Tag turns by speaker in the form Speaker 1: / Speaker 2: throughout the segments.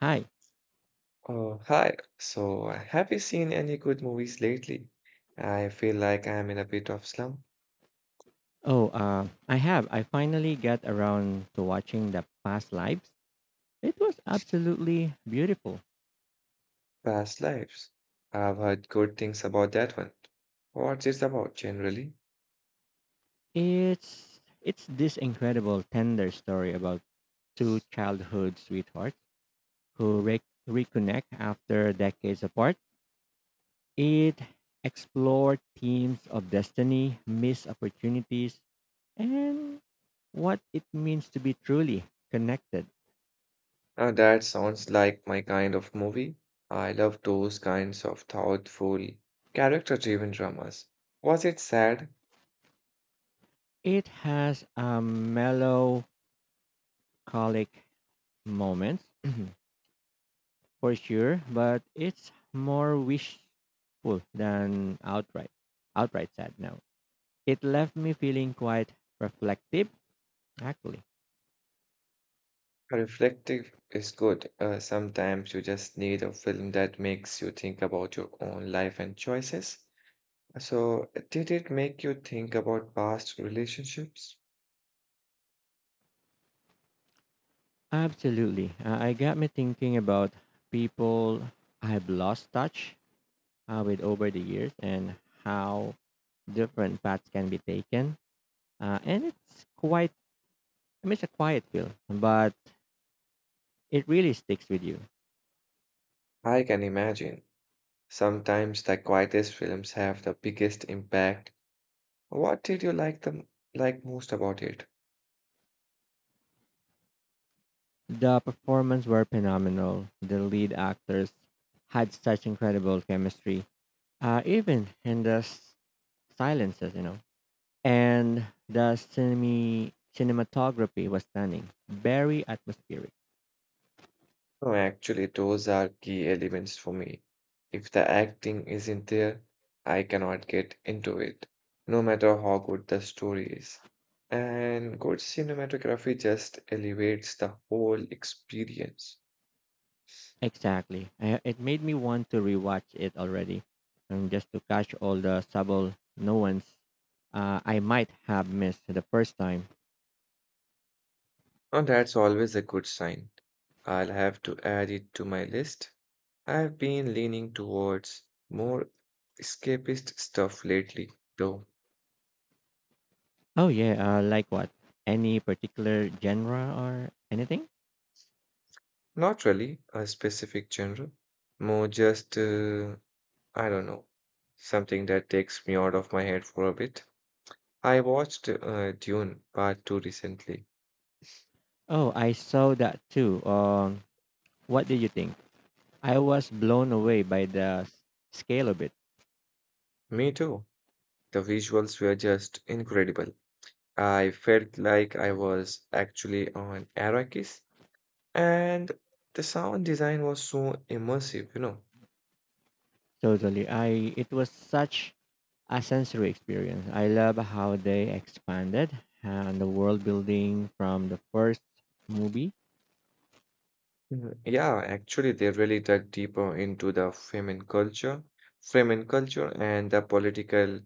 Speaker 1: Hi.
Speaker 2: Oh, hi. So, have you seen any good movies lately? I feel like I'm in a bit of slump.
Speaker 1: Oh, I have. I finally got around to watching the Past Lives. It was absolutely beautiful.
Speaker 2: Past Lives. I've heard good things about that one. What's it about generally?
Speaker 1: It's this incredible tender story about two childhood sweethearts who reconnect after decades apart. It explored themes of destiny, missed opportunities, and what it means to be truly connected.
Speaker 2: That sounds like my kind of movie. I love those kinds of thoughtful, character-driven dramas. Was it sad?
Speaker 1: It has a melancholic moments for sure, but it's more wishful than outright sad now. It left me feeling quite reflective, actually.
Speaker 2: Reflective is good. Sometimes you just need a film that makes you think about your own life and choices. So, did it make you think about past relationships?
Speaker 1: Absolutely. I got me thinking about people I've lost touch with over the years and how different paths can be taken. And it's quite, I mean, it's a quiet feel, but it really sticks with you.
Speaker 2: I can imagine. Sometimes the quietest films have the biggest impact. What did you like most about it?
Speaker 1: The performances were phenomenal. The lead actors had such incredible chemistry, even in the silences, you know. And the cinematography was stunning, very atmospheric.
Speaker 2: No, actually, those are key elements for me. If the acting isn't there, I cannot get into it, no matter how good the story is. And good cinematography just elevates the whole experience.
Speaker 1: Exactly. It made me want to rewatch it already, and just to catch all the subtle nuance I might have missed the first time.
Speaker 2: And that's always a good sign. I'll have to add it to my list. I've been leaning towards more escapist stuff lately, though.
Speaker 1: Oh yeah, like what? Any particular genre or anything?
Speaker 2: Not really a specific genre, more just, I don't know, something that takes me out of my head for a bit. I watched Dune Part 2 recently.
Speaker 1: Oh, I saw that too. What do you think? I was blown away by the scale of it.
Speaker 2: Me too. The visuals were just incredible. I felt like I was actually on Arrakis, and the sound design was so immersive, you know.
Speaker 1: Totally. I it was such a sensory experience. I love how they expanded and the world building from the first movie.
Speaker 2: Mhm. Yeah, actually, they really dug deeper into the Fremen culture, and the political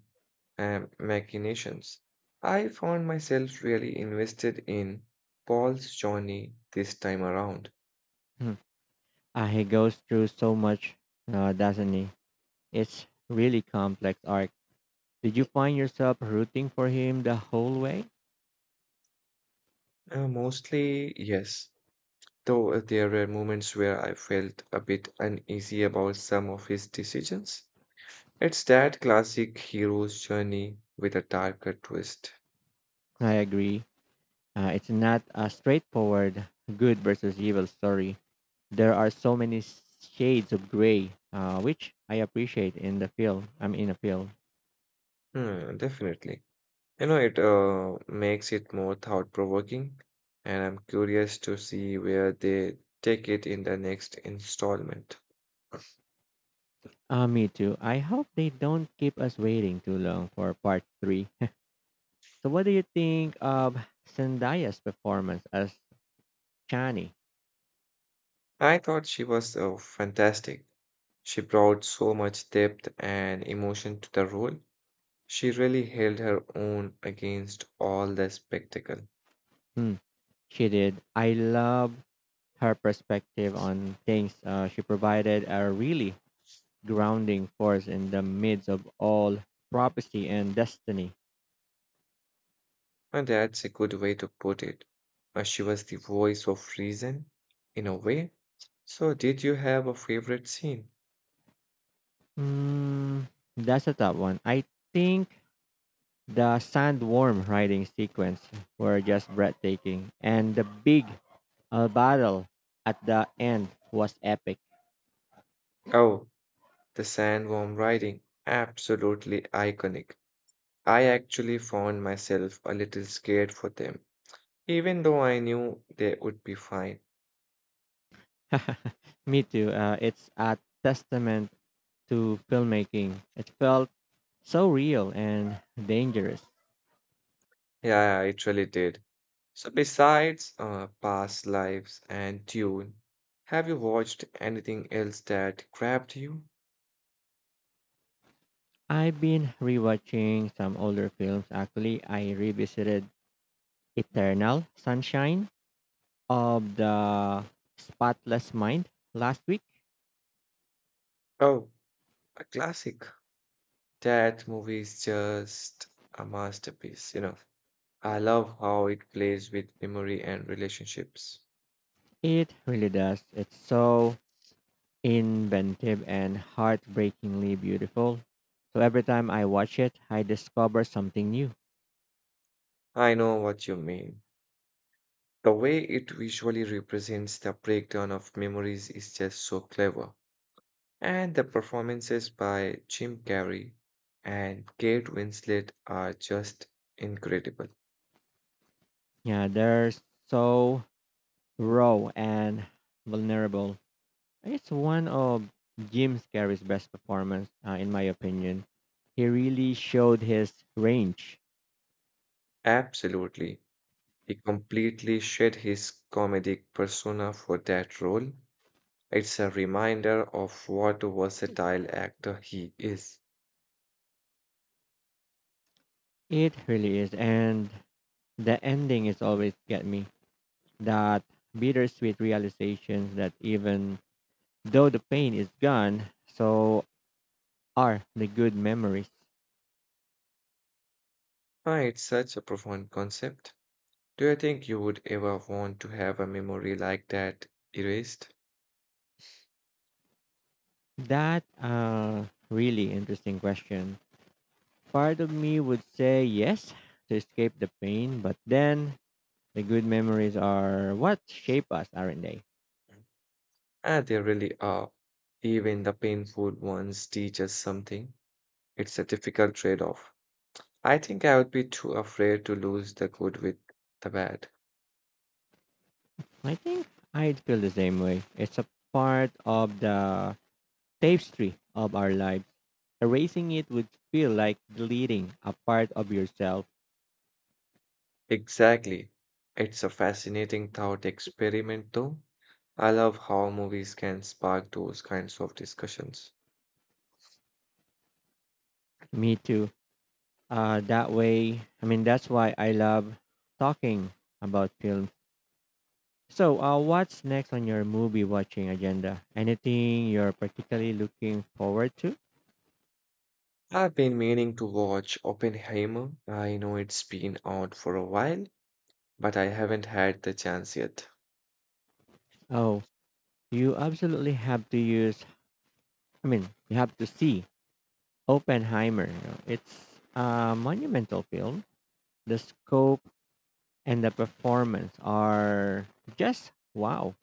Speaker 2: machinations. I found myself really invested in Paul's journey this time around.
Speaker 1: Hmm. He goes through so much, doesn't he? It's really complex arc. Did you find yourself rooting for him the whole way?
Speaker 2: Mostly, yes, though there were moments where I felt a bit uneasy about some of his decisions. It's that classic hero's journey with a darker twist.
Speaker 1: I agree. It's not a straightforward good versus evil story there are so many shades of gray, which I appreciate in the film. I'm in a film.
Speaker 2: Hmm, definitely. You know, it makes it more thought-provoking, and I'm curious to see where they take it in the next installment.
Speaker 1: Me too. I hope they don't keep us waiting too long for part three. So, what do you think of Zendaya's performance as Chani?
Speaker 2: I thought she was fantastic. She brought so much depth and emotion to the role. She really held her own against all the spectacle.
Speaker 1: Hmm, she did. I love her perspective on things. She provided a really grounding force in the midst of all prophecy and destiny.
Speaker 2: And that's a good way to put it. She was the voice of reason, in a way. So, did you have a favorite scene?
Speaker 1: Hmm, that's a tough one. I think the sandworm riding sequence were just breathtaking, and the big battle at the end was epic.
Speaker 2: Oh, the sandworm riding, absolutely iconic. I actually found myself a little scared for them, even though I knew they would be fine.
Speaker 1: Me too. It's a testament to filmmaking. It felt so real and dangerous.
Speaker 2: Yeah, I actually did. So, besides Past Lives and Dune, have you watched anything else that grabbed you?
Speaker 1: I've been rewatching some older films. Actually, I revisited Eternal Sunshine of the Spotless Mind last week.
Speaker 2: Oh, a classic. That movie is just a masterpiece, you know. I love how it plays with memory and relationships.
Speaker 1: It really does. It's so inventive and heartbreakingly beautiful. So every time I watch it, I discover something new.
Speaker 2: I know what you mean. The way it visually represents the breakdown of memories is just so clever. And the performances by Jim Carrey and Kate Winslet are just incredible.
Speaker 1: Yeah, they're so raw and vulnerable. It's one of Jim Carrey's best performance, in my opinion. He really showed his range.
Speaker 2: Absolutely. He completely shed his comedic persona for that role. It's a reminder of what a versatile actor he is.
Speaker 1: It really is, and the ending is always get me. That bittersweet realization that even though the pain is gone, so are the good memories.
Speaker 2: Ah, it's such a profound concept. Do you think you would ever want to have a memory like that erased?
Speaker 1: That really interesting question. Part of me would say yes to escape the pain, but then the good memories are what shape us, aren't they?
Speaker 2: Ah, they really are. Even the painful ones teach us something. It's a difficult trade-off. I think I would be too afraid to lose the good with the bad.
Speaker 1: I think I'd feel the same way. It's a part of the tapestry of our lives. Erasing it would feel like deleting a part of yourself.
Speaker 2: Exactly. It's a fascinating thought experiment, though. I love how movies can spark those kinds of discussions.
Speaker 1: Me too. I mean, that's why I love talking about films. So, what's next on your movie watching agenda? Anything you're particularly looking forward to?
Speaker 2: I've been meaning to watch Oppenheimer. I know it's been out for a while, but I haven't had the chance yet.
Speaker 1: Oh, you absolutely I mean, you have to see Oppenheimer, you know. It's a monumental film. The scope and the performance are just wow.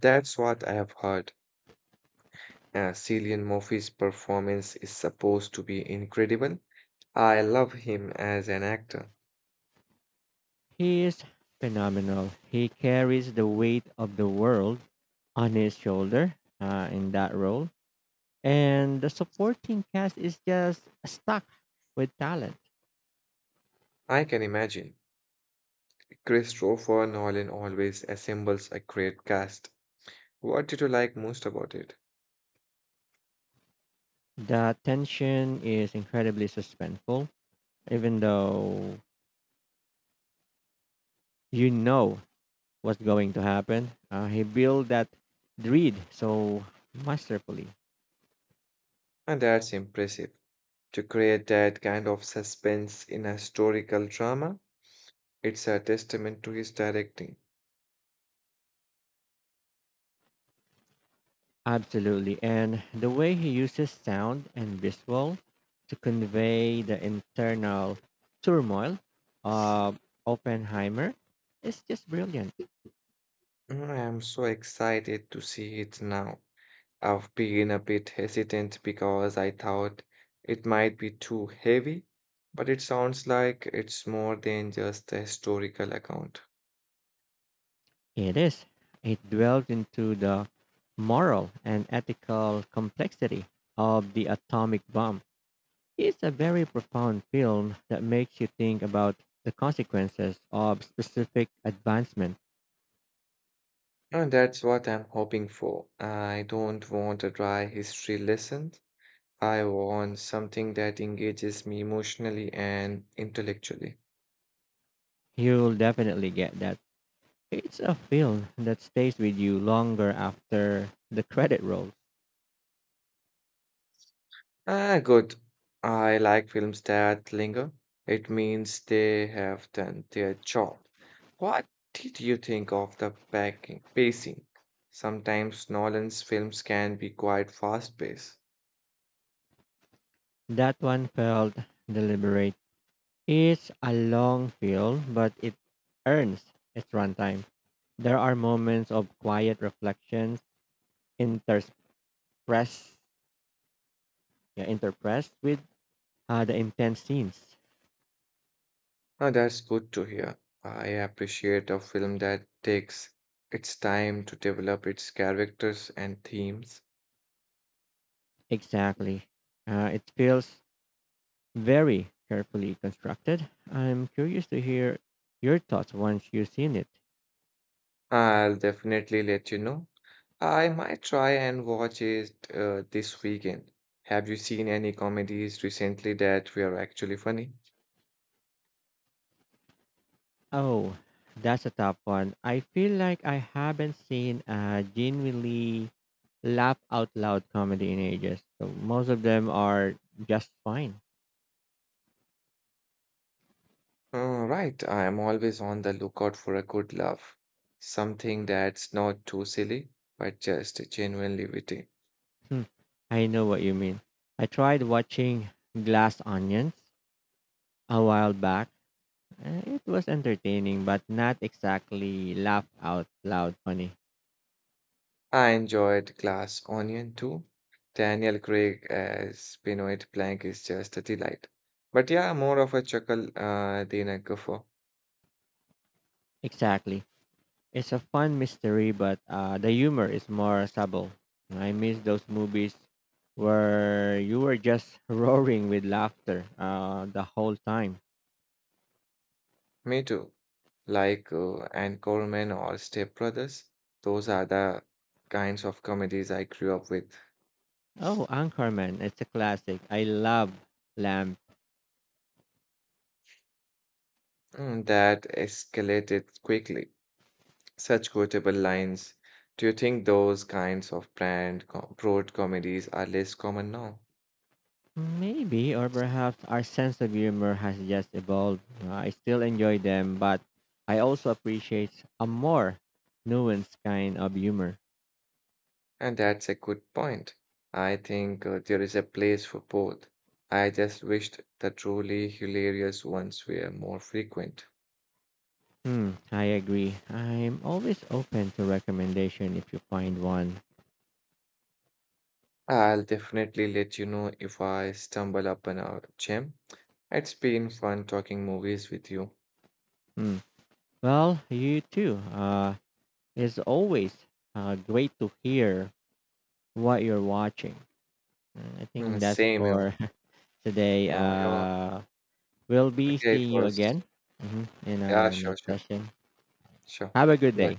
Speaker 2: That's what I have heard. Cillian Murphy's performance is supposed to be incredible. I love him as an actor.
Speaker 1: He is phenomenal. He carries the weight of the world on his shoulder in that role. And the supporting cast is just stuck with talent.
Speaker 2: I can imagine. Christopher Nolan always assembles a great cast. What did you like most about it?
Speaker 1: The tension is incredibly suspenseful, even though you know what's going to happen. He built that dread so masterfully.
Speaker 2: And that's impressive. To create that kind of suspense in a historical drama, it's a testament to his directing.
Speaker 1: Absolutely. And the way he uses sound and visual to convey the internal turmoil of Oppenheimer is just brilliant.
Speaker 2: Mm, I am so excited to see it now. I've been a bit hesitant because I thought it might be too heavy, but it sounds like it's more than just a historical account.
Speaker 1: It is. It delves into the moral and ethical complexity of the atomic bomb. It's a very profound film that makes you think about the consequences of specific advancement.
Speaker 2: And that's what I'm hoping for. I don't want a dry history lesson. I want something that engages me emotionally and intellectually.
Speaker 1: You'll definitely get that. It's a film that stays with you longer after the credit rolls.
Speaker 2: Ah, good. I like films that linger. It means they have done their job. What did you think of the pacing? Sometimes Nolan's films can be quite fast-paced.
Speaker 1: That one felt deliberate. It's a long film, but it earns its runtime. There are moments of quiet reflection interspress yeah, interpressed with the intense scenes.
Speaker 2: Ah, that's good to hear. I appreciate a film that takes its time to develop its characters and themes.
Speaker 1: Exactly. It feels very carefully constructed. I'm curious to hear your thoughts once you've seen it.
Speaker 2: I'll definitely let you know I might try and watch it this weekend. Have you seen any comedies recently that were actually funny?
Speaker 1: Oh, that's a tough one. I feel like I haven't seen a genuinely laugh out loud comedy in ages. So most of them are just fine.
Speaker 2: Right, I am always on the lookout for a good laugh. Something that's not too silly, but just genuinely witty.
Speaker 1: Hmm, I know what you mean. I tried watching Glass Onions a while back. It was entertaining, but not exactly laugh out loud funny.
Speaker 2: I enjoyed Glass Onion too. Daniel Craig as Benoit Blanc is just a delight. But yeah, more of a chuckle than a guffaw.
Speaker 1: Exactly. It's a fun mystery, but the humor is more subtle. I miss those movies where you were just roaring with laughter the whole time.
Speaker 2: Me too. Like Anne Coleman or Step Brothers, those are the kinds of comedies I grew up with.
Speaker 1: Oh, Anchorman. It's a classic. I love Lamp.
Speaker 2: Mm, that escalated quickly. Such quotable lines. Do you think those kinds of broad comedies are less common now?
Speaker 1: Maybe, or perhaps our sense of humor has just evolved. I still enjoy them, but I also appreciate a more nuanced kind of humor.
Speaker 2: And that's a good point. I think there is a place for both. I just wished the truly hilarious ones were more frequent.
Speaker 1: Hmm, I agree. I'm always open to recommendation if you find one.
Speaker 2: I'll definitely let you know if I stumble upon a gem. It's been fun talking movies with you.
Speaker 1: Hmm. Well, you too. It's always great to hear what you're watching. Mm, I think
Speaker 2: Mm,
Speaker 1: that's
Speaker 2: same, you know.
Speaker 1: for today.
Speaker 2: You know, you're-
Speaker 1: We'll be
Speaker 2: okay, it
Speaker 1: seeing you
Speaker 2: was.
Speaker 1: again, mhm, in
Speaker 2: Yeah,
Speaker 1: our
Speaker 2: sure,
Speaker 1: next
Speaker 2: sure,
Speaker 1: session.
Speaker 2: sure.
Speaker 1: Have a good
Speaker 2: Bye.
Speaker 1: day.